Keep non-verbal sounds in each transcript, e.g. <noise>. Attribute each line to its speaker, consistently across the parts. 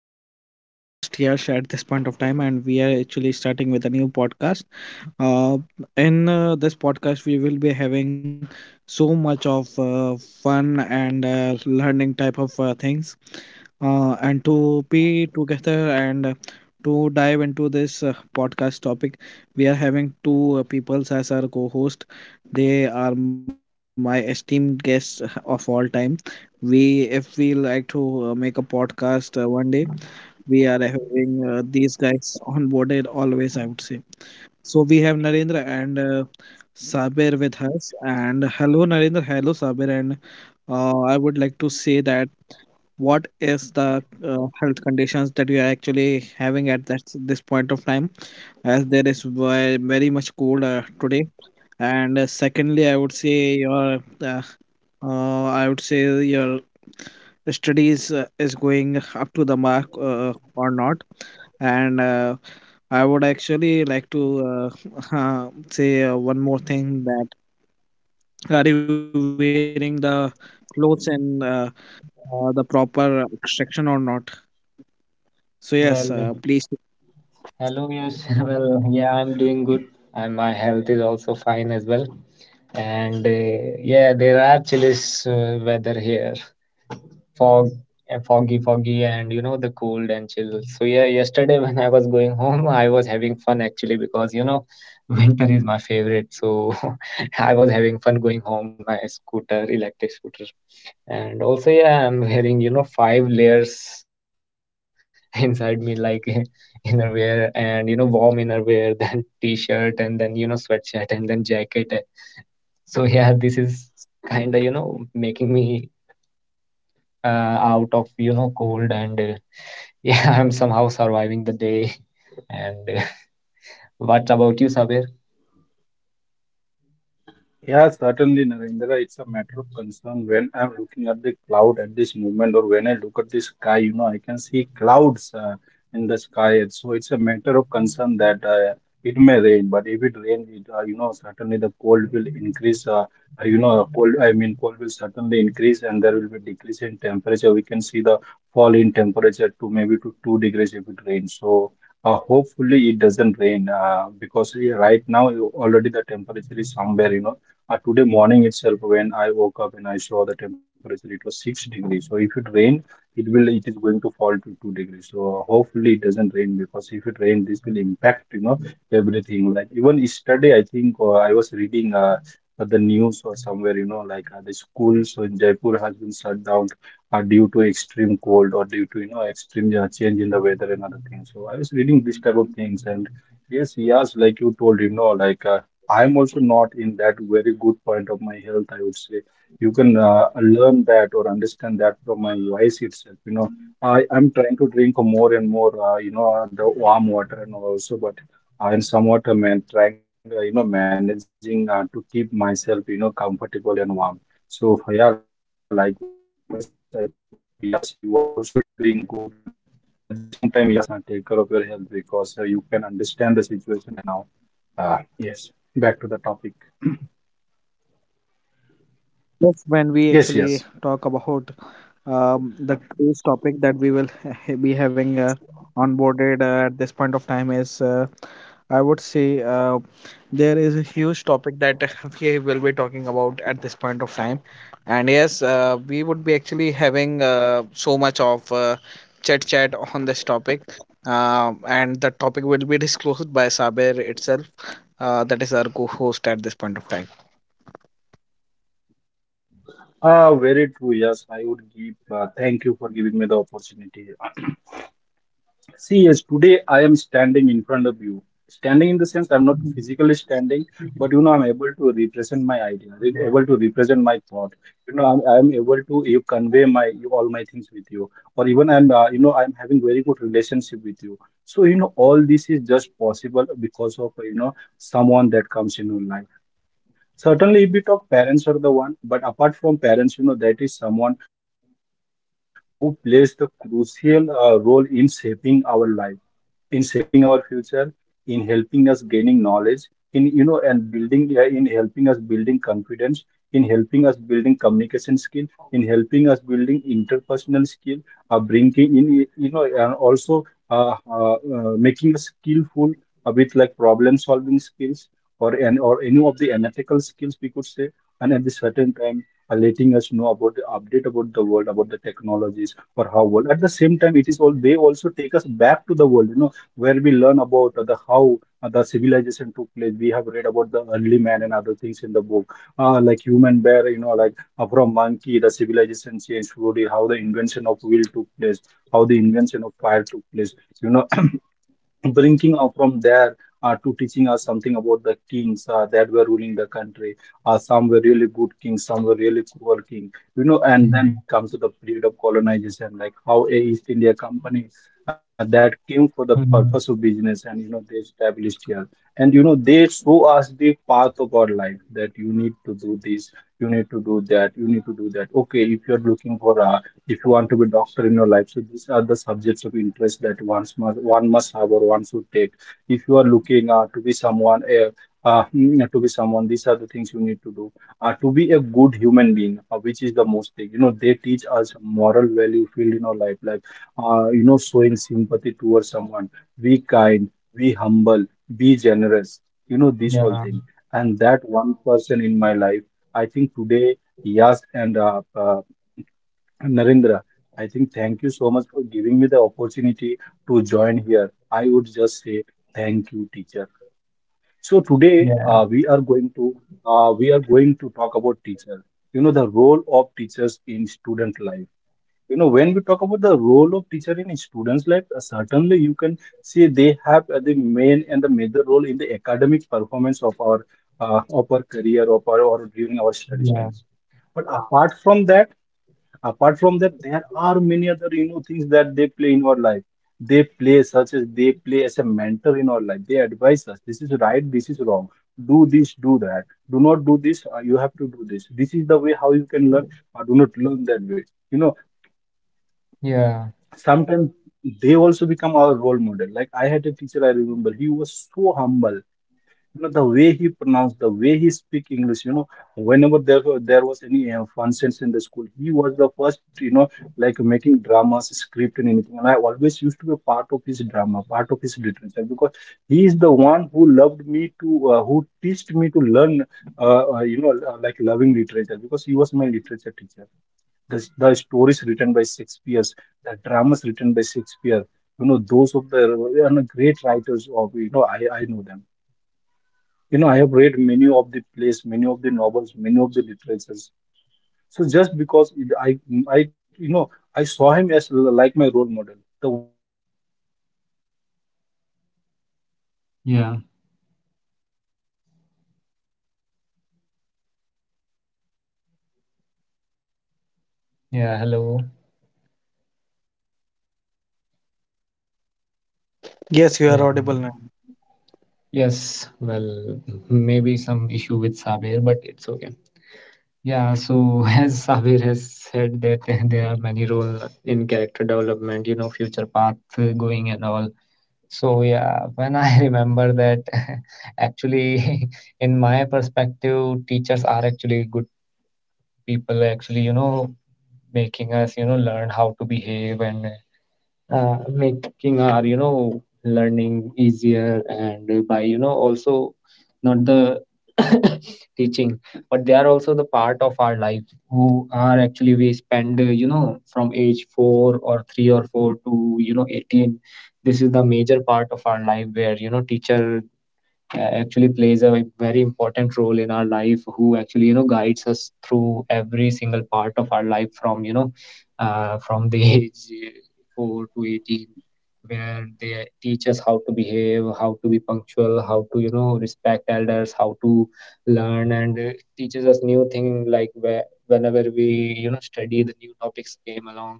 Speaker 1: Everyone. So this is your host Yash at this point of time, and we are actually starting with a new podcast. Uh, in this podcast, we will be having so much of fun and learning type of things. And to be together and to dive into this podcast topic, we are having two people as our co-host. They are my esteemed guests of all time. We, if we like to make a podcast one day, we are having these guys onboarded always, I would say. So we have Narendra Sabir with us. And hello, Narendra. Hello, Sabir. And I would like to say that what is the health conditions that you are actually having at this point of time, as there is very much cold today. And secondly, I would say your uh, I would say your studies is going up to the mark or not, and I would actually like to <laughs> uh, say one more thing that are you wearing the clothes in the proper section or not? So yes, please.
Speaker 2: Well, hello, Yash. <laughs> Well, yeah, I'm doing good, and my health is also fine as well. And yeah, there are chillish weather here, fog, foggy, foggy, and you know the cold and chill. So yeah, yesterday <laughs> when I was going home, I was having fun actually because you know <laughs> winter is my favorite. So <laughs> I was having fun going home on my scooter, electric scooter. And also, yeah, I'm wearing, you know, five layers <laughs> inside me, like <laughs> innerwear and, you know, warm innerwear, <laughs> then t-shirt, and then, you know, sweatshirt, and then jacket. So, yeah, this is kind of, you know, making me out of, you know, cold. And <laughs> yeah, I'm somehow surviving the day. <laughs> And <laughs> what about you, Sabir?
Speaker 3: Yeah, certainly, Narendra. It's a matter of concern when I'm looking at the cloud at this moment, or when I look at the sky, you know, I can see clouds in the sky. And so it's a matter of concern that it may rain, but if it rains, it, you know, certainly the cold will increase. You know, cold, I mean, cold will certainly increase, and there will be decrease in temperature. We can see the fall in temperature to maybe to 2 degrees if it rains. So hopefully it doesn't rain because right now already the temperature is somewhere, you know. Today morning itself, when I woke up and I saw the temperature, it was 6 degrees. So if it rain, it is going to fall to 2 degrees. So hopefully it doesn't rain because if it rain, this will impact, you know, everything. Like even yesterday, I think I was reading the news or somewhere, you know, like the schools in Jaipur has been shut down due to extreme cold or due to you know extreme change in the weather and other things. So I was reading this type of things, and yes, yes, like you told, you know, like I'm also not in that very good point of my health. I would say you can learn that or understand that from my voice itself. You know, I'm trying to drink more and more, you know, the warm water and all also, but. I'm somewhat man, trying, you know, managing to keep myself, you know, comfortable and warm. So, yeah, likewise, I hope, yes, you are also doing good. And at the same time, yes, take care of your health because you can understand the situation right now. Yes, back to the topic. Yes, yes.
Speaker 1: Yes, when we actually talk about the cruise topic that we will <laughs> be having onboarded at this point of time is, I would say, there is a huge topic that <laughs> we will be talking about at this point of time. And yes, we would be actually having so much of chit chat on this topic. And the topic will be disclosed by Saber itself, that is our co-host at this point of time.
Speaker 3: Ah, very true. Yes, I would give, thank you for giving me the opportunity. See, yes, today I am standing in of you. Standing in the sense I'm not physically standing, but you know, I'm able to represent my idea,
Speaker 2: Yeah.
Speaker 3: able to represent. You know, I'm able to you convey my you, all my things with you, or even I'm, you know, I'm having very good relationship with you. So, you know, all this is just possible because of, you know, someone that comes in your life. Certainly, if we talk parents are the one, but apart from parents, you know, that is someone who plays the crucial role in shaping our life, in shaping our future, in helping us gaining knowledge, in you know and building yeah, in helping us building confidence, in helping us building communication skill, in helping us building interpersonal skill, bringing in you know and also making us skillful like problem solving skills or and or any of the analytical skills we could say, and at the certain time, letting us know about the update about the world, about the technologies, for how world the same time it is all they also take us back to the world, you know, where we learn about the how the civilization took place. We have read about the early man and other things in the book, like human bear, you know, like from monkey the civilization slowly, how the invention of wheel took place, how the invention of fire took place, you know, bringing from there to teaching us something about the kings that were ruling the country. Some were really good kings, some were really cruel king. You know, and then
Speaker 2: Mm.
Speaker 3: we come to the period of colonization, like how a East India Company that came for the
Speaker 2: Mm.
Speaker 3: purpose of business, and you know they established here. And you know they show us the path of our life, that you need to do this, you need to do that, you need to do that. Okay, if you're looking for a, if you want to be doctor in your life, so these are the subjects of interest that one must have or one should take. If you are looking to be someone to be someone, these are the things you need to do to be a good human being, which is the most thing, you know, they teach us moral value field in our life, like you know showing sympathy towards someone, be kind, be humble, be generous, you know, these all
Speaker 2: Yeah.
Speaker 3: things. And that one person in my life, I think today, yes, and Narendra, I think thank you so much for giving me the opportunity to join here. I would just say thank you, teacher. So today
Speaker 2: Yeah.
Speaker 3: we are going to talk about teacher. You know, the role of teachers in student life. You know, when we talk about the role of teacher in students' life, certainly you can see they have the main and the major role in the academic performance of our, of our career, of our, or during our studies
Speaker 2: Yeah.
Speaker 3: times. But apart from that, there are many other you know things that they play in our life. They play Such as they play as a mentor in our life, they advise us this is right, this is wrong, do this, do that, do not do this, you have to do this, this is the way how you can learn, or do not learn that way, you know.
Speaker 2: Yeah.
Speaker 3: Sometimes they also become our role model. Like I had a teacher, I remember he was so humble, you know, the way he pronounced, the way he speak English, you know, whenever there was any fun sense in the school, he was the first, you know, like making dramas, script and anything. And I always used to be a part of his drama, part of his literature, because he is the one who loved me to, who teached me to learn, you know, like loving literature, because he was my literature teacher. The stories written by Shakespeare, the dramas written by Shakespeare, you know, those of the, and great writers of, you know, I know them. You know, I have read many of the plays, many of the novels, many of the literatures. So just because it, I you know, I saw him as like my role model. The way he came, very simple but filled with a lot of knowledge, you know,
Speaker 2: Yeah.
Speaker 3: such enriched knowledge he has about the world, you know, he had studied in abroad and many other places. So these are the things. Again, at the same time,
Speaker 2: Yeah.
Speaker 3: you know,
Speaker 2: Hello.
Speaker 3: they they guide us to critical thinking, to creative ideas, you
Speaker 1: Yes,
Speaker 3: know.
Speaker 1: you
Speaker 3: In
Speaker 2: Yeah.
Speaker 1: are
Speaker 3: the in
Speaker 1: audible
Speaker 3: the
Speaker 1: now.
Speaker 3: same time, they help us
Speaker 2: Yes,
Speaker 3: build our
Speaker 2: well,
Speaker 3: character.
Speaker 2: maybe some issue
Speaker 3: And at
Speaker 2: with
Speaker 3: the same
Speaker 2: Sabir,
Speaker 3: time, you
Speaker 2: but
Speaker 3: know,
Speaker 2: it's
Speaker 3: the
Speaker 2: okay.
Speaker 3: lifelong learning, they
Speaker 2: Yeah,
Speaker 3: give us a
Speaker 2: so <laughs>
Speaker 3: lesson
Speaker 2: as
Speaker 3: that
Speaker 2: Sabir
Speaker 3: which
Speaker 2: has
Speaker 3: we can
Speaker 2: said that <laughs> there
Speaker 3: learn
Speaker 2: are many roles
Speaker 3: lifelong, or
Speaker 2: in
Speaker 3: which we
Speaker 2: character
Speaker 3: can
Speaker 2: development, you
Speaker 3: carry
Speaker 2: know,
Speaker 3: on
Speaker 2: future path
Speaker 3: for
Speaker 2: going
Speaker 3: our
Speaker 2: and all.
Speaker 3: lifelong.
Speaker 2: So yeah, when I <laughs>
Speaker 3: So these
Speaker 2: remember
Speaker 3: are
Speaker 2: that,
Speaker 3: the roles
Speaker 2: <laughs>
Speaker 3: that one
Speaker 2: actually,
Speaker 3: play,
Speaker 2: <laughs> in
Speaker 3: or
Speaker 2: my
Speaker 3: the teacher
Speaker 2: perspective,
Speaker 3: play in
Speaker 2: teachers are
Speaker 3: shaping our
Speaker 2: actually good
Speaker 3: life or in shaping our
Speaker 2: people,
Speaker 3: future.
Speaker 2: actually, you
Speaker 3: So
Speaker 2: know,
Speaker 3: likewise I say
Speaker 2: making
Speaker 3: uh,
Speaker 2: us, you know,
Speaker 3: today's
Speaker 2: learn
Speaker 3: uh,
Speaker 2: how to
Speaker 3: uh, you
Speaker 2: behave
Speaker 3: know
Speaker 2: and
Speaker 3: um <clears throat> topic of
Speaker 2: making our
Speaker 3: discussion
Speaker 2: you
Speaker 3: is really
Speaker 2: know
Speaker 3: important,
Speaker 2: learning
Speaker 3: because I
Speaker 2: easier
Speaker 3: think.
Speaker 2: and by you know also not the <coughs> teaching but they are also the part of our life who are actually we spend you know from age 4 or 3 or 4 to you know 18. This is the major part of our life where you know teacher actually plays a very important role in our life who actually you know guides us through every single part of our life from you know from the <laughs> age 4 to 18 where they teach us how to behave, how to be punctual, how to you know respect elders, how to learn and teaches us new thing like whenever we you know study the new topics came along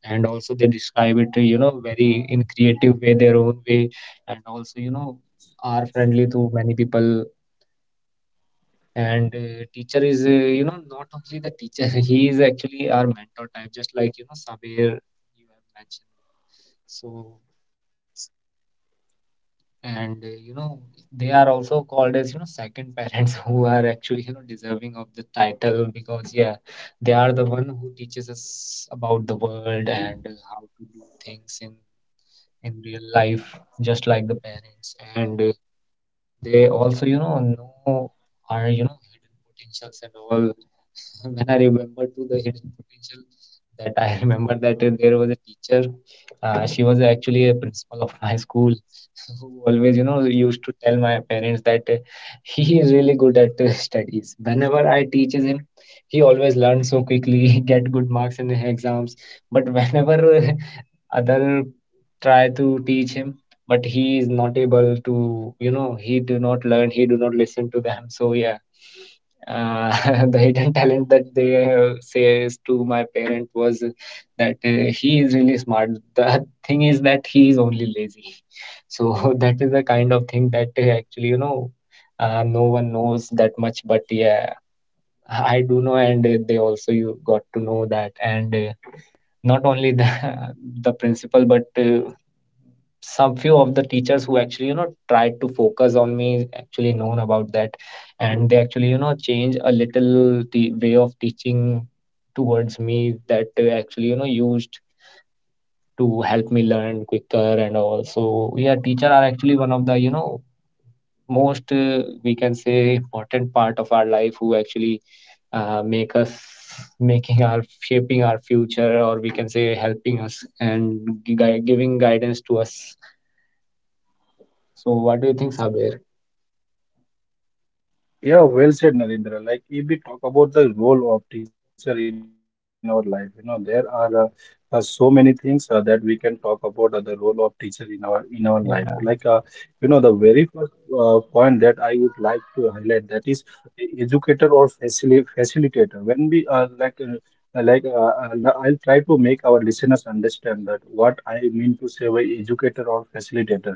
Speaker 2: and also they describe it you know very in creative way, their own way, and also you know are friendly to many people. And teacher is you know not only the teacher, <laughs> he is actually our mentor type just like you know Sabir, you have mentioned. So and you know they are also called as you know second parents, <laughs> who are actually you know deserving of the title because yeah, they are the one who teaches us about the world and how to do things in real life just like the parents. And they also, you know our, you know, hidden potentials and all. <laughs> When I remember to the hidden potential, that I <laughs> remember that there was a teacher. She was actually a principal of my school, <laughs> who always, you know, used to tell my parents that he is really good at <laughs> studies. Whenever I teaches him, he always learns so quickly, <laughs> get good marks in exams. But whenever <laughs> other try to teach him, but he is not able to, you know, he do not learn, he do not listen to them. So yeah, <laughs> the hidden talent that they have says to my parent was that he is really smart. The thing is that he is only lazy. So <laughs> that is the kind of thing that actually, you know, no one knows that much. But yeah, I do know, and they also you got to know that. And not only the, <laughs> the principal, but some few of the teachers who actually, you know, tried to focus on me actually known about that. And they actually, you know, change a little the way of teaching towards me that actually, you know, used to help me learn quicker and all. So yeah, teacher are actually one of the, you know, most we can say important part of our life who actually make us making our shaping our future, or we can say helping us and giving guidance to us. So what do you think, Sabir?
Speaker 3: Yeah, well said, Narendra. Like, if we talk about the role of teacher in our life, you know, there are so many things that we can talk about the role of teacher in our life. Like, you know,
Speaker 2: Yeah,
Speaker 3: the very first point that I would like to highlight, that is educator or facilitator. When we are like, I I'll try to make our listeners understand that what I mean to say by educator or facilitator.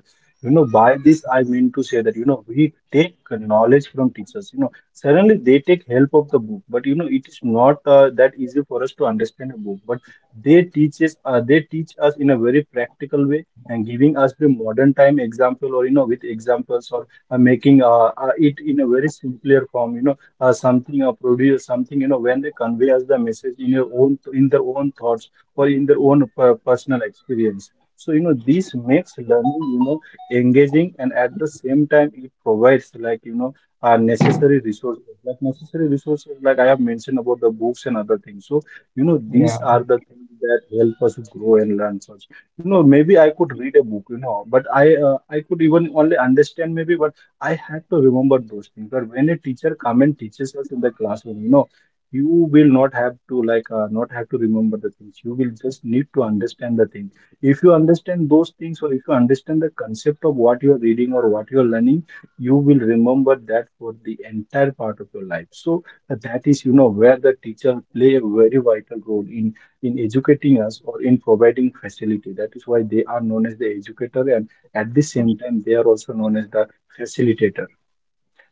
Speaker 3: You know, by this I mean to say that, you know, we take knowledge from teachers, you know, suddenly they take help of the book, but you know, it is not that easy for us to understand a book, but they teach us, in a very practical way and giving us the modern time example or, you know, with examples or making it in a very simpler form, you know, something or produce something, you know, when they convey us the message in your own, in their own thoughts or in their own personal experience. So, you know, this makes learning, you know, engaging, and at the same time it provides like, you know, necessary resources, like I have mentioned about the books and other things. So, you know,
Speaker 2: yeah,
Speaker 3: these are the things that help us grow and learn first. You know, maybe I could read a book, you know, but I could even only understand maybe, but I had to remember those things. But when a teacher come and teaches us in the classroom, you know, you will not have to like not have to remember the things. You will just need to understand the things if you understand those things or if you understand the concept of what you are reading or what you are learning you will remember that for the entire part of your life so that is you know where the teacher play a very vital role in educating us or in providing facility that is why they are known as the educator and at the same time they are also known as the facilitator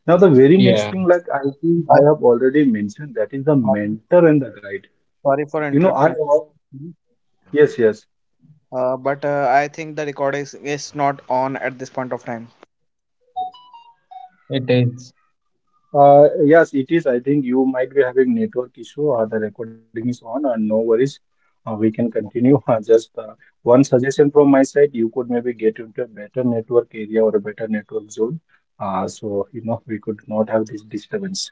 Speaker 3: now the very
Speaker 2: yeah.
Speaker 3: next thing like I think I
Speaker 1: Hi,
Speaker 3: have already mentioned that is the
Speaker 1: uh,
Speaker 3: mentor and the guide
Speaker 1: sorry for
Speaker 3: you know I
Speaker 1: interrupting, you,
Speaker 3: yes yes.
Speaker 1: but I think the record is not on at this point of time.
Speaker 2: It is.
Speaker 3: Yes, it is. I think you might be having network issue or the recording is on, and no worries. We can continue. <laughs> Just one suggestion from my side, you could maybe get into a better network area or a better network zone. So, you know, we could not have this disturbance.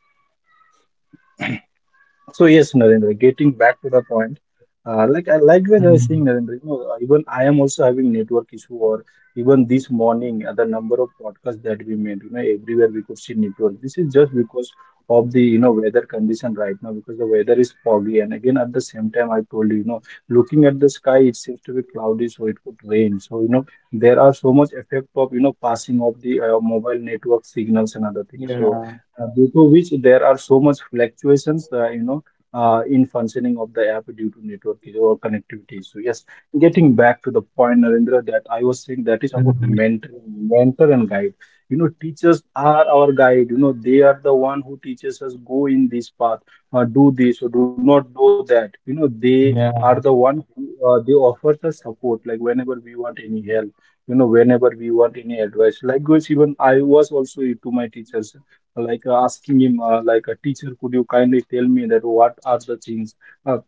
Speaker 3: So yes, Narendra, getting back to the point, like I when I was
Speaker 2: Mm.
Speaker 3: saying, Narendra, you know, even I am also having network issue, or even this morning, the number of podcasts that we made, you know, everywhere we could see network. This is just because of the, you know, weather condition right now, because the weather is foggy, and again at the same time, I told you, you know, looking at the sky, it seems to be cloudy, so it could rain. So you know, there are so much effect of, you know, passing of the mobile network signals and other things. So
Speaker 2: Yeah.
Speaker 3: due to which there are so much fluctuations, you know, in functioning of the app due to network issue or connectivity issue. Yes, getting back to the point, Narendra, that I was saying that is about
Speaker 2: Mhm.
Speaker 3: mentor and guide. You know, teachers are our guide. You know, they are the one who teaches us go in this path, do this, or do not do that. You know, they
Speaker 2: Yeah.
Speaker 3: are the one who they offer us support, like whenever we want any help you know whenever we want any advice likewise even I was also to my teachers like asking him like a teacher could you kindly tell me that what are the things uh,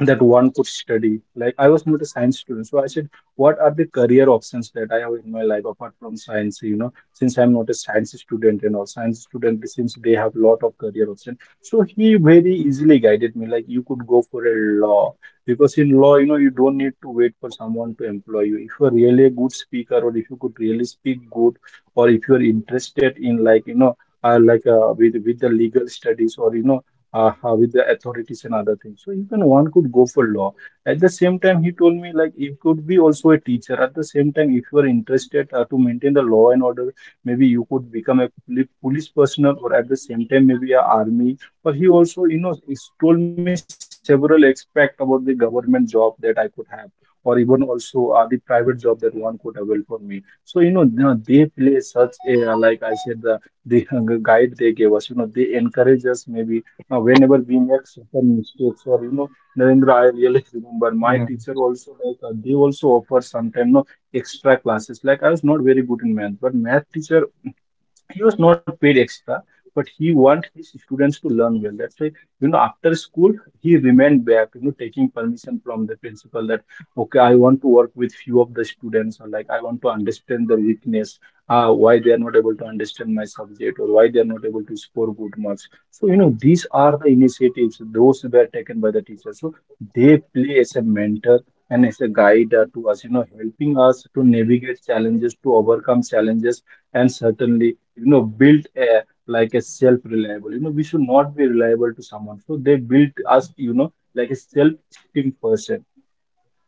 Speaker 3: that one could study. Like I was not a science student, so I said, what are the career options that I have in my life apart from science? You know, since I'm not a science student and all science student, since they have lot of career options. So he very easily guided me. Like you could go for a law because in law, you know, you don't need to wait for someone to employ you. If you're really a good speaker, or if you could really speak good, or if you're interested in like you know. Like with the legal studies or you know with the authorities and other things. So even one could go for law. At the same time, he told me like it could be also a teacher. At the same time, if you are interested to maintain the law and order, maybe you could become a poli- police personnel or at the same time maybe a army. But he also, you know, is- told me several aspect about the government job that I could have. Or even also the private job that one could avail for me. So you know the they play such a like I said the the guide they gave us. You know they encourage us maybe now, whenever we make certain mistakes, or you know, Narendra, I really remember my
Speaker 2: Yeah.
Speaker 3: teacher also like they also offer sometime no extra classes. Like I was not very good in math, but math teacher he was not paid extra, but he want his students to learn well. That's why, you know, after school, he remained back, you know, taking permission from the principal that, okay, I want to work with few of the students, or like I want to understand their weakness, why they are not able to understand my subject, or why they are not able to score good marks. So, you know, these are the initiatives, those were taken by the teachers. So they play as a mentor and as a guide to us, you know, helping us to navigate challenges, to overcome challenges and certainly you know built a, like a self reliable you know we should not be reliable to someone so they built us you know like a self esteem person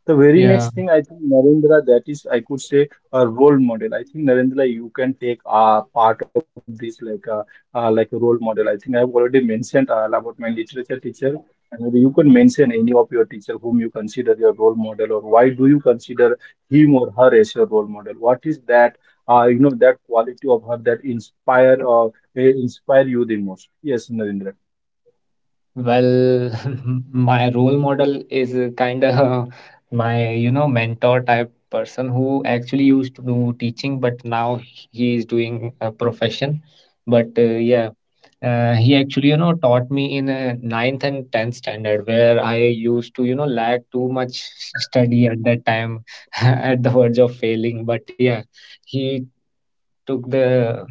Speaker 3: the very
Speaker 2: Yeah,
Speaker 3: next thing I think Narendra, that is, I could say a role model. I think Narendra, you can take part of this like a role model. I think I've already mentioned about my literature teacher, and maybe you can mention any of your teacher whom you consider your role model, or why do you consider him or her as your role model? What is that you know that quality of her that inspire or inspire you the most? Yes, Narendra.
Speaker 2: well, <laughs> my role model is kind of <laughs> my, you know, mentor type person who actually used to do teaching, but now he is doing a profession. But yeah, he actually, you know, taught me in a ninth and tenth standard where I used to, you know, lack too much study at that time, <laughs> at the verge of failing. But yeah, he took the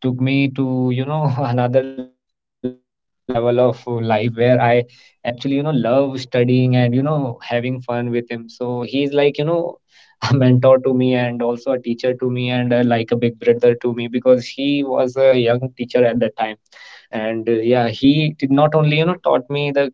Speaker 2: took me to you know <laughs> another level of life where I actually you know love studying and you know having fun with him, so he's like you know <laughs> a mentor to me and also a teacher to me and like a big brother to me, because he was a young teacher at that time. And yeah, he did not only you know taught me the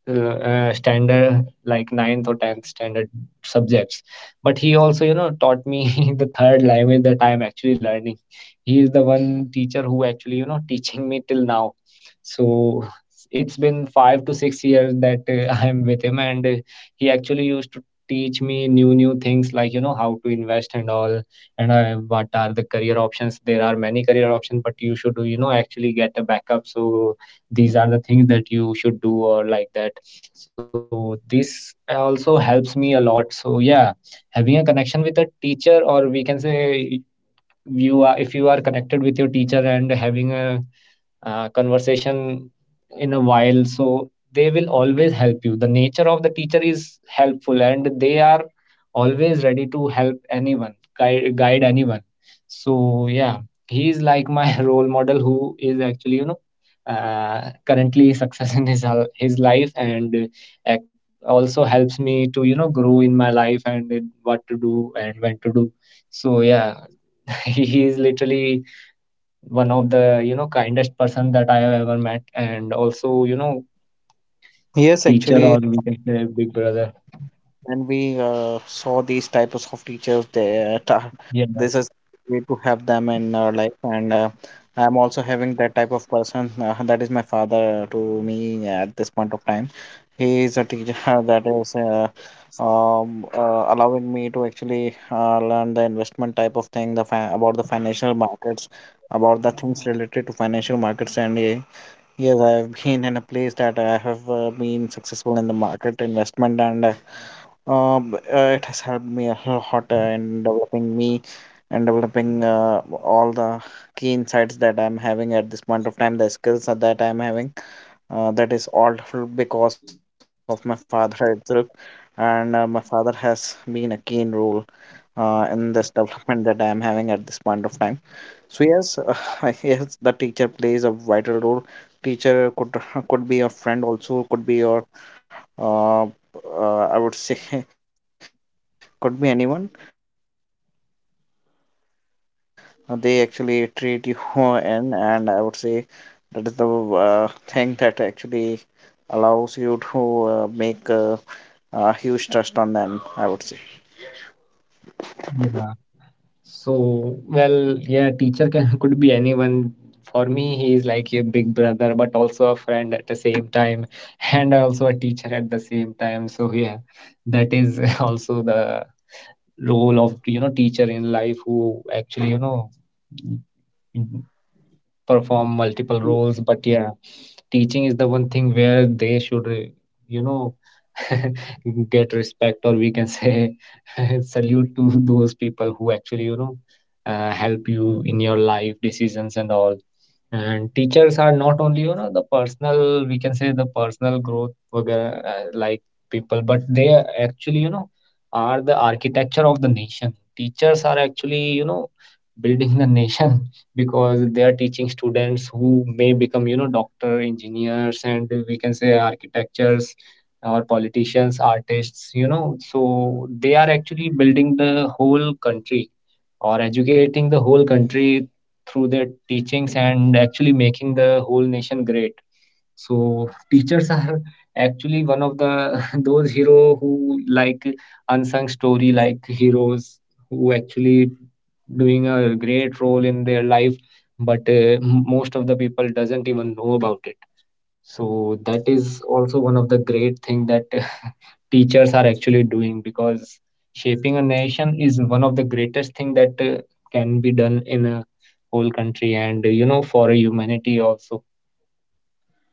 Speaker 2: standard like ninth or tenth standard subjects, but he also you know taught me <laughs> the third language that I am actually learning. He is the one teacher who actually you know <laughs> teaching me till now, so <laughs> it's been 5 to 6 years that <laughs> I am with him. And he actually used to teach me new things like you know how to invest and all, and what are the career options. There are many career options, but you should you know actually get a backup, so these are the things that you should do or like that, so this also helps me a lot. So yeah, having a connection with a teacher, or we can say, you are, if you are connected with your teacher and having a conversation in a while, so they will always help you. The nature of the teacher is helpful and they are always ready to help anyone, guide anyone. So yeah, he is like my <laughs> role model who is actually you know currently <laughs> success in his his life and also helps me to you know grow in my life and in what to do and when to do. So yeah, <laughs> he is literally one of the you know kindest person that I have ever met, and also you know
Speaker 1: Yes,
Speaker 2: teacher,
Speaker 1: actually,
Speaker 2: or we can say big brother.
Speaker 1: when we saw these types of teachers
Speaker 2: Yeah,
Speaker 1: this is way to have them in our life, and I'm also having that type of person that is my father to me at this point of time. He is a teacher <laughs> that is allowing me to actually learn the investment type of thing, about the financial markets, about the things related to financial markets. And Yes, I have been in a place that I have been successful in the market investment, and it has helped me a lot in developing me and developing all the key insights that I'm having at this point of time, the skills that I'm having. That is all because of my father itself, and my father has been a keen role in this development that I'm having at this point of time. So yes, <laughs> yes, the teacher plays a vital role. Teacher could <laughs> could be your friend also, could be your uh, I would say <laughs> could be anyone, but yes, it is the way that they actually treat you <laughs> in, and I would say that is the thing that actually allows you to make a huge trust on them, I would say.
Speaker 2: yeah. So well, yeah, teacher can <laughs> could be anyone. For me, he is like a big brother, but also a friend at the same time, <laughs> and also a teacher at the same time. So yeah, that is <laughs> also the role of you know teacher in life who actually you know perform multiple roles, but yeah, teaching is the one thing where they should you know <laughs> get respect, or we can say <laughs> salute to those people who actually you know help you in your life decisions and all. And teachers are not only you know the personal, we can say the personal growth वगैरह, like people, but they are actually you know are the architecture of the nation. Teachers are actually you know building the <laughs> nation, because they are teaching students who may become you know doctor, engineers, and we can say architectures, or politicians, artists, you know, so they are actually building the whole country, or educating the whole country through their teachings and actually making the whole nation great. So teachers are actually one of the <laughs> those hero who like unsung story like heroes, who actually doing a great role in their life, but most of the people doesn't even know about it. So that is also one of the great thing that <laughs> teachers are actually doing, because shaping a nation is one of the greatest thing that can be done in a whole country and you know for humanity also.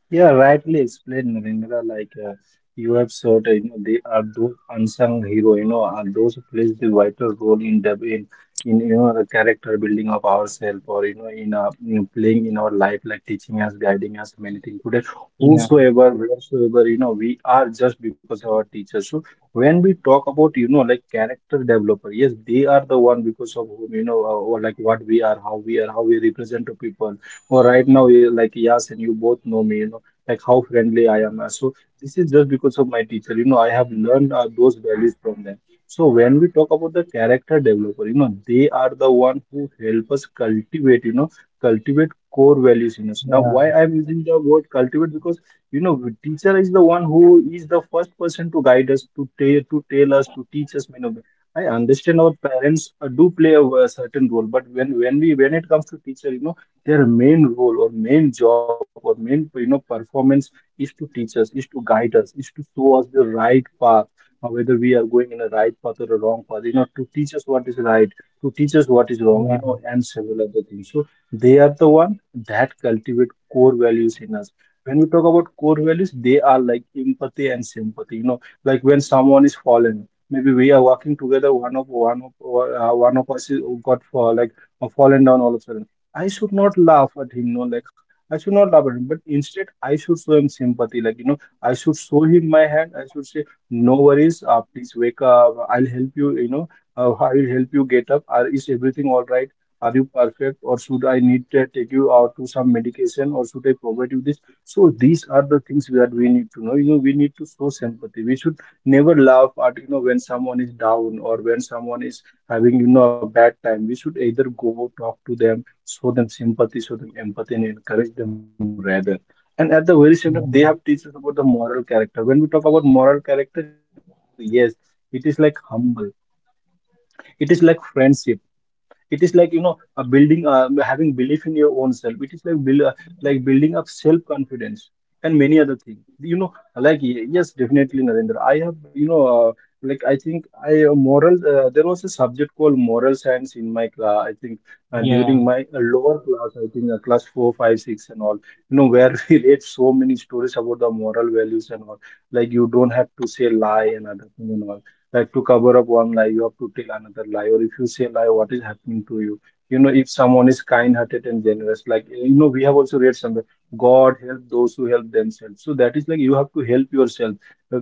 Speaker 3: Yeah, rightly explained, Narendra. Like you have said, you know, they are those unsung hero. You know, are those who plays the vital role in the in you know the character building of ourselves, or you know, in playing in our life, like teaching us, guiding us, many things. Today,
Speaker 2: Yeah,
Speaker 3: whosoever, wheresoever, you know, we are just because of our teachers. So when we talk about you know like character developer, yes, they are the one because of whom you know, or like what we are, how we are, how we represent to people. Or right now, we are like Yas and you both know me. You know like how friendly I am. So this is just because of my teacher. You know, I have learned those values from them. So when we talk about the character developer, you know, they are the one who help us cultivate, you know, cultivate core values in us. Now, why
Speaker 2: yeah,
Speaker 3: I'm using the word cultivate because you know, teacher is the one who is the first person to guide us, to tell us, to teach us. You know, I understand our parents do play a certain role, but when it comes to teacher, you know, their main role or main job or main you know performance is to teach us, is to guide us, is to show us the right path, whether we are going in a right path or a wrong path, you know, to teach us what is right, to teach us what is wrong,
Speaker 2: yeah.
Speaker 3: you know, and several other things. So they are the one that cultivate core values in us. When we talk about core values, they are like empathy and sympathy. You know, like when someone is fallen, maybe we are walking together. One of us is, got fall, like fallen down all of a sudden. I should not laugh at him. No, like I should not laugh at him, but instead I should show him sympathy. Like, you know, I should show him my hand. I should say, no worries, please wake up. I'll help you, you know, I will help you get up. Are, is everything all right? Are you perfect? Or should I need to take you out to some medication or should I provide you this? So these are the things that we need to know. You know, we need to show sympathy. We should never laugh at, you know, when someone is down or when someone is having, you know, a bad time. We should either go talk to them show them sympathy, show them empathy, and encourage them rather. And at the very same
Speaker 2: Yeah,
Speaker 3: time, they have teach about the moral character. When we talk about moral character, yes, it is like humble, it is like friendship, it is like a building, having belief in your own self. It is like like building up self confidence, many other things, yes, definitely Narendra, I have, like I think I moral, there was a subject called moral science in my class, I think,
Speaker 2: yeah,
Speaker 3: during my lower class, I think, class four, five, six, and all, you know, where <laughs> we read so many stories about the moral values and all, like you don't have to say lie and other things, like to cover up one lie, you have to tell another lie, or if you say lie, what is happening to you? You know, if someone is kind-hearted and generous, like, you know, we have also read somewhere, God help those who help themselves. So that is like you have to help yourself. Uh,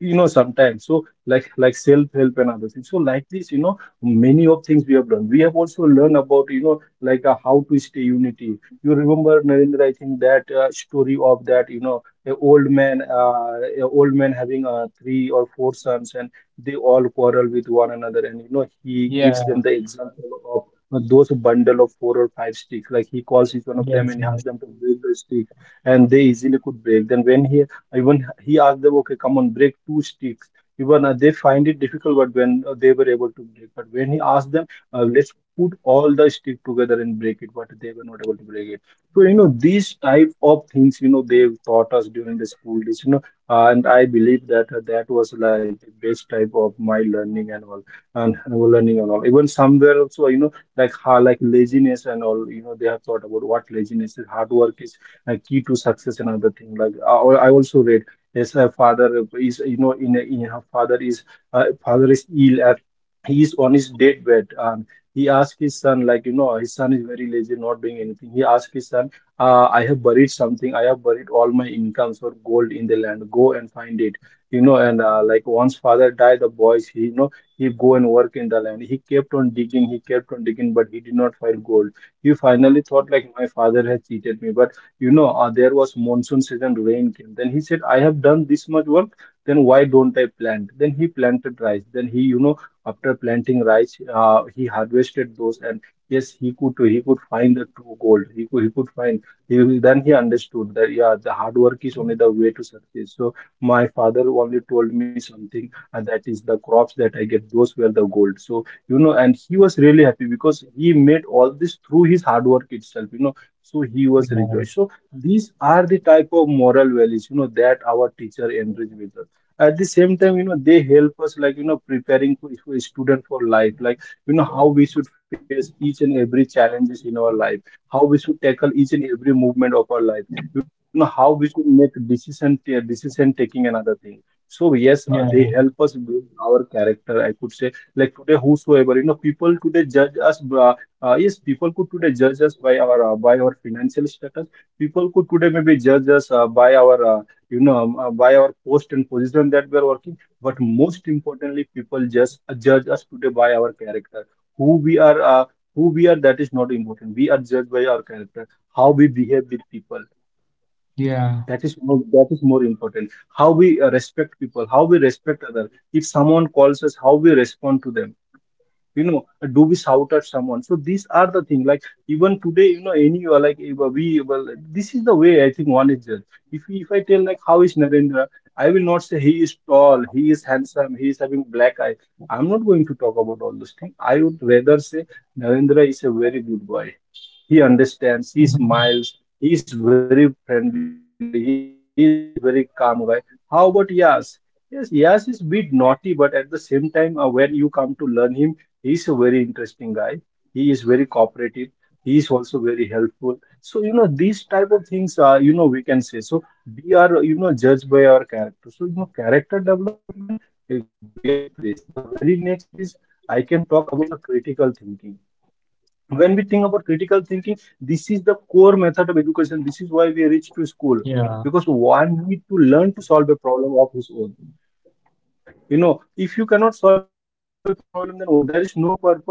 Speaker 3: you know, sometimes, so like self-help and other things, so like this, you know, many of things we have done, we have also learned about, you know, like, how to stay unity. You remember Narendra, I think that story of that, you know, a old man, a old man having three or four sons, and they all quarrel with one another, and you know, he gives
Speaker 2: yeah,
Speaker 3: them the example of, those bundle of four or five sticks. He calls each one of them
Speaker 2: yes,
Speaker 3: and he asks
Speaker 2: yes,
Speaker 3: them to break the stick, and they easily could break. Then when he even he asked them, okay, come on, break two sticks. Even they find it difficult, but when they were able to break, but when he asked them, let's put all the stick together and break it, but they were not able to break it. So you know, these type of things, you know, they've taught us during the school days, you know. And I believe that that was like the best type of my learning and all, and learning and all. Even somewhere also, you know, like how, like laziness and all, you know, they have thought about what laziness is. Hard work is a key to success, and other thing, like I also read, yes, a father is, you know, in, a, in her father is, father is ill at, he is on his deathbed, and he asked his son, like, you know, his son is very lazy, not doing anything. He asked his son, I have buried something, I have buried all my incomes or gold in the land, go and find it. You know, and, like once father died, the boys, he, you know, he go and work in the land. He kept on digging, he kept on digging, but he did not find gold. He finally thought like my father has cheated me, but you know, there was monsoon season, rain came, then he said, I have done this much work, then why don't I plant? Then he planted rice. Then he, you know, after planting rice, he harvested those, and yes, he could find the true gold. He could find, he, then he understood that yeah, the hard work is only the way to success. So my father only told me something, and that is the crops that I get, those were the gold. So you know, and he was really happy because he made all this through his hard work itself, you know. So he was
Speaker 2: yeah,
Speaker 3: rejoiced. So these are the type of moral values, you know, that our teacher enrich with us. At the same time, you know, they help us, like you know, preparing for a student for life, like you know, how we should face each and every challenges in our life, how we should tackle each and every movement of our life, you know, how we should make decision taking, another thing. So yes,
Speaker 2: yeah,
Speaker 3: they help us build our character, I could say. Like today, whosoever, you know, people today judge us, yes, people could today judge us by our, by our financial status. People could today maybe judge us by our, by our post and position that we are working, but most importantly, people just judge us today by our character, who we are, who we are, that is not important. We are judged by our character, how we behave with people.
Speaker 2: yeah,
Speaker 3: That is more important. How we respect people, how we respect others, if someone calls us, how we respond to them, you know, do we shout at someone? So these are the thing, like even today, you know, any like if, we well, this is the way I think one is judged. If I tell like how is Narendra, I will not say he is tall, he is handsome, he is having black eye. I'm not going to talk about all those things. I would rather say, Narendra is a very good boy. He understands, he
Speaker 2: <laughs>
Speaker 3: smiles, he is very friendly, he is very calm guy. How about Yas? Yes, Yas is bit naughty, but at the same time, when you come to learn him, he is a very interesting guy, he is very cooperative, he is also very helpful. So you know, these type of things are, you know, we can say. So we are, you know, judged by our character. So you know, character development, it really plays. The very next is, I can talk about, you know, critical thinking. When we think about critical thinking, this is the core method of education. This is why we reach to school, because
Speaker 2: yeah,
Speaker 3: one need to learn to solve a problem of his own. You know, if you cannot solve a problem, then there is no purpose of education.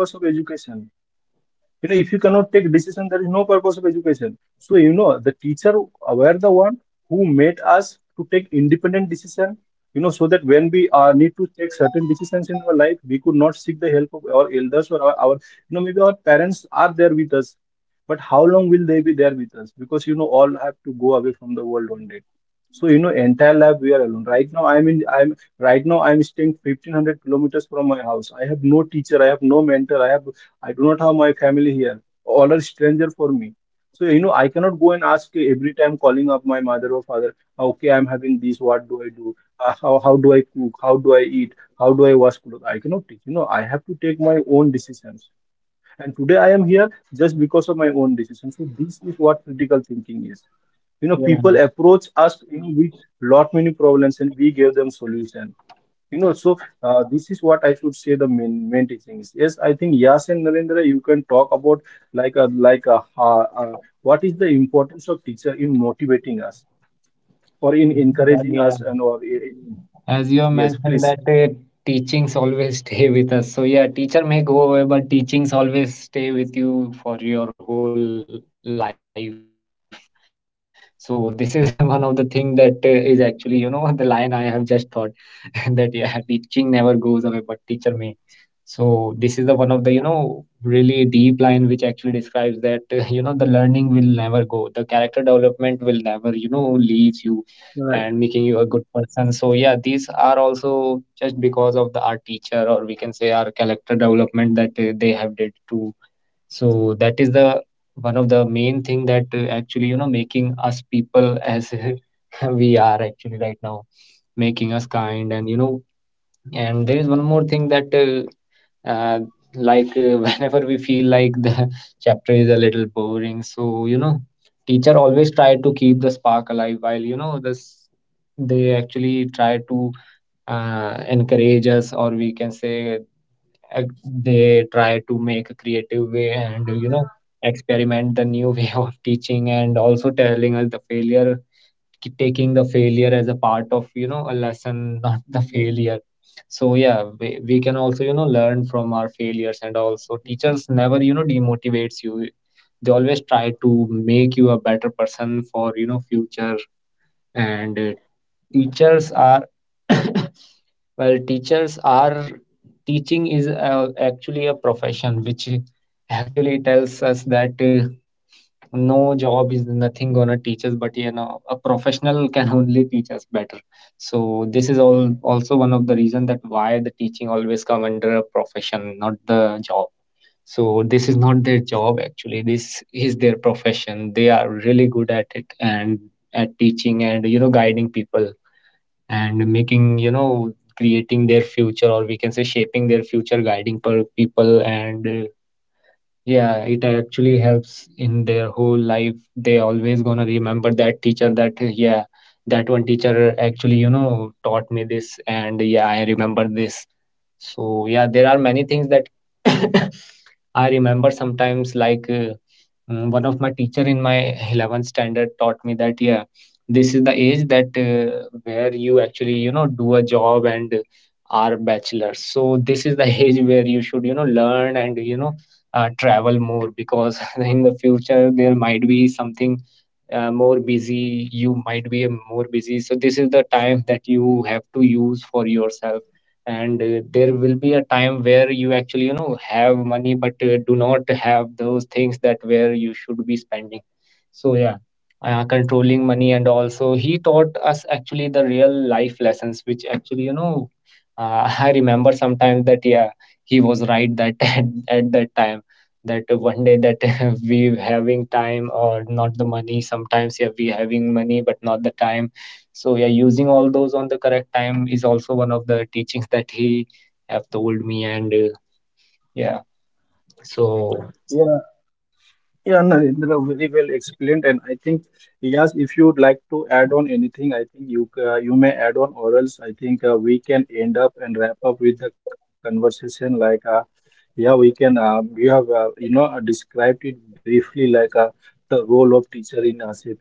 Speaker 3: You know, if you cannot take decision, there is no purpose of education. So, you know, the teacher were the one who made us to take independent decision, you know, so that when we need to take certain decisions in our life, we could not seek the help of our elders, or our, you know, maybe our parents there with us, but how long will they be there with us? Because, you know, all have to go away from the world one day. So, you know, entire life we are alone. Right now, right now, I'm staying 1,500 kilometers from my house. I have no teacher, I have no mentor, I have, I do not have my family here. All are stranger for me. So you know, I cannot go and ask every time, calling up my mother or father. Okay, I'm having this, what do I do? How do I cook? How do I eat? How do I wash clothes? I cannot teach. You know, I have to take my own decisions. And today I am here just because decisions. So this is what critical thinking is. You know, people
Speaker 2: yeah,
Speaker 3: approach us, you know, with lot many problems, and we give them solution. So this is what I should say the main teaching is. Yes, I think Yas and Narendra, you can talk about like what is the importance of teacher in motivating us, or in encouraging
Speaker 2: yeah.
Speaker 3: us,
Speaker 2: As you have
Speaker 3: yes,
Speaker 2: mentioned that
Speaker 3: please.
Speaker 2: teachings always stay with us. So yeah, teacher may go away, but teachings always stay with you for your whole life. So this is <laughs> one of the thing that is actually, you know, <laughs> the line I have just thought <laughs> that yeah, teaching never goes away, but teacher may. So this is the one of the, you know, really deep line which actually describes that, <laughs> you know, the learning will never go. The character development will never, you know, leaves you and making you a good
Speaker 3: Right.
Speaker 2: person. So yeah, these are also just because of the our teacher, or we can say our character development that they have did too. So that is the one of the main thing that actually, you know, making us people as <laughs> we are actually right now, making us kind and you know. And there is one more thing that, uh, like, <laughs> whenever we feel like the <laughs> chapter is a little boring, so you know, teacher always try to keep the spark alive. While you know, this they actually try to encourage us, or we can say they try to make a creative way and you know experiment the new way <laughs> of teaching, and also telling us the failure, taking the failure as a part of you know a lesson, <laughs> not the failure. So yeah, we can also you know learn from our failures, and also teachers never you know demotivates you. They always try to make you a better person for you know future. And teachers are <coughs> well, teachers are teaching is actually a profession which actually tells us that no job is nothing gonna teach us, but you know a professional can <laughs> only teach us better. So this is all also one of the reason that why the teaching always come under a profession, not the job. So this is not their job actually, this is their profession. They are really good at it and at teaching and you know guiding people and making you know creating their future, or we can say shaping their future, guiding per people. And yeah, it actually helps in their whole life. They always gonna remember that teacher, that yeah, that one teacher actually, you know, taught me this and yeah, I remember this. So yeah, there are many things that <coughs> I remember sometimes. Like one of my teacher in my <laughs> 11th standard taught me that yeah, this is the age that where you actually you know do a job and are bachelor. So this is the <laughs> age where you should you know learn and you know travel more, because <laughs> in the future there might be something more busy. You might be more busy. So this is the time that you have to use for yourself, and there will be a time where you actually you know have money, but do not have those things that where you should be spending. So yeah, controlling money, and also he taught us actually the real life lessons which actually you know <laughs> I remember sometimes that yeah, he was right that <laughs> at that time, that one day, that <laughs> we having time or not the money, sometimes yeah, we having money but not the time. So yeah, using all those on the correct time is also one of the teachings that he have told me. And yeah, so
Speaker 3: Yeah, Narendra, very well explained. And I think, yes, if you'd like to add on anything, I think you may add on, or else I think we can end up and wrap up with the conversation. Like, yeah, we can. You have, described it briefly, like the role of teacher in shaping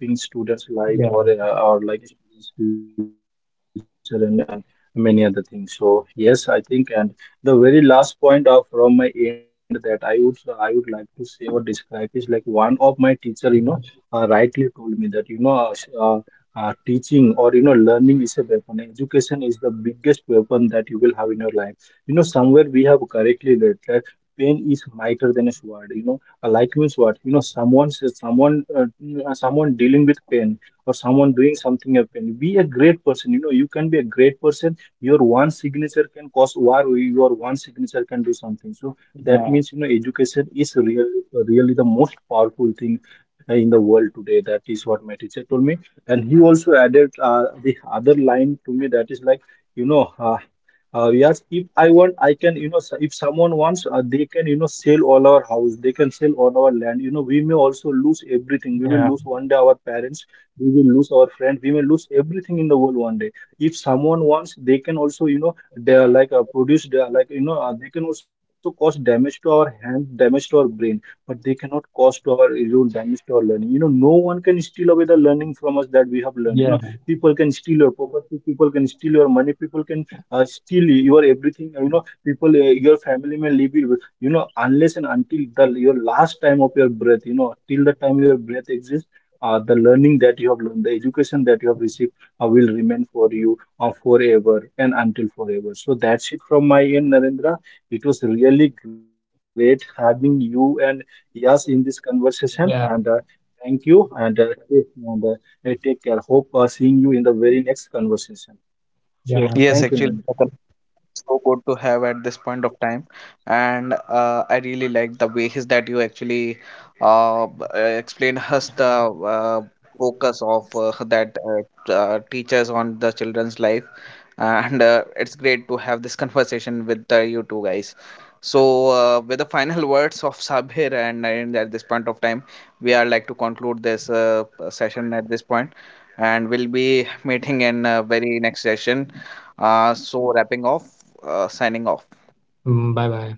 Speaker 2: yeah,
Speaker 3: students' life, or like students' future, and many other things. So yes, I think, and the very last point of from my end that I would like to say or describe is like, one of my teacher, you know, rightly told me that, teaching, or you know, learning is a weapon. Education is the biggest weapon that you will have in your life. You know, somewhere we have correctly read, pain is mightier than a sword. You know, like means what, you know, someone says, someone dealing with pain, or someone doing something of pain, be a great person, you know, you can be a great person. Your one signature can cause war, or your one signature can do something. So that
Speaker 2: yeah,
Speaker 3: means, you know, education is really really the most powerful thing in the world today. That is what my teacher told me. And he also added the other line to me, that is like, you know uh, yes, if I want, you know, if someone wants, they can, you know, sell all our house, they can sell all our land. You know, we may also lose everything. We will
Speaker 2: yeah,
Speaker 3: lose one day our parents, we will friend, we may lose everything in the world one day. If someone wants, they can also, you know, they are like, you know, they can also cause damage to our hand, damage to our brain, but they cannot cause to our, you know, damage to our learning. You know, no one can steal away from us that we have learned. You know,
Speaker 2: yeah,
Speaker 3: people can steal your property, people can steal your money, people can still your everything, you know. People, your family may leave you know, unless and until the your last time of your breath, you know, till the time your breath exists, the learning that you have learned, the education that you have received, will remain for you forever and until forever. So that's it from my end, Narendra. It was really great having you and Yas in this conversation, and
Speaker 2: yeah,
Speaker 3: thank you, and, take care. Hope seeing you in the very next conversation. Sure,
Speaker 2: yeah.
Speaker 3: thank you
Speaker 1: Yes, actually,
Speaker 3: Narendra.
Speaker 1: so good to have at this point of time. And I really like the ways that you actually explain us the uh, focus of that teachers on the children's life, and it's great to have this conversation with you two guys. So with the final <laughs> words of Sabir and Naren at this point of time, we are like to conclude this session at this point, and we'll be meeting in very next session. So wrapping off, signing off.
Speaker 2: Mm, bye bye.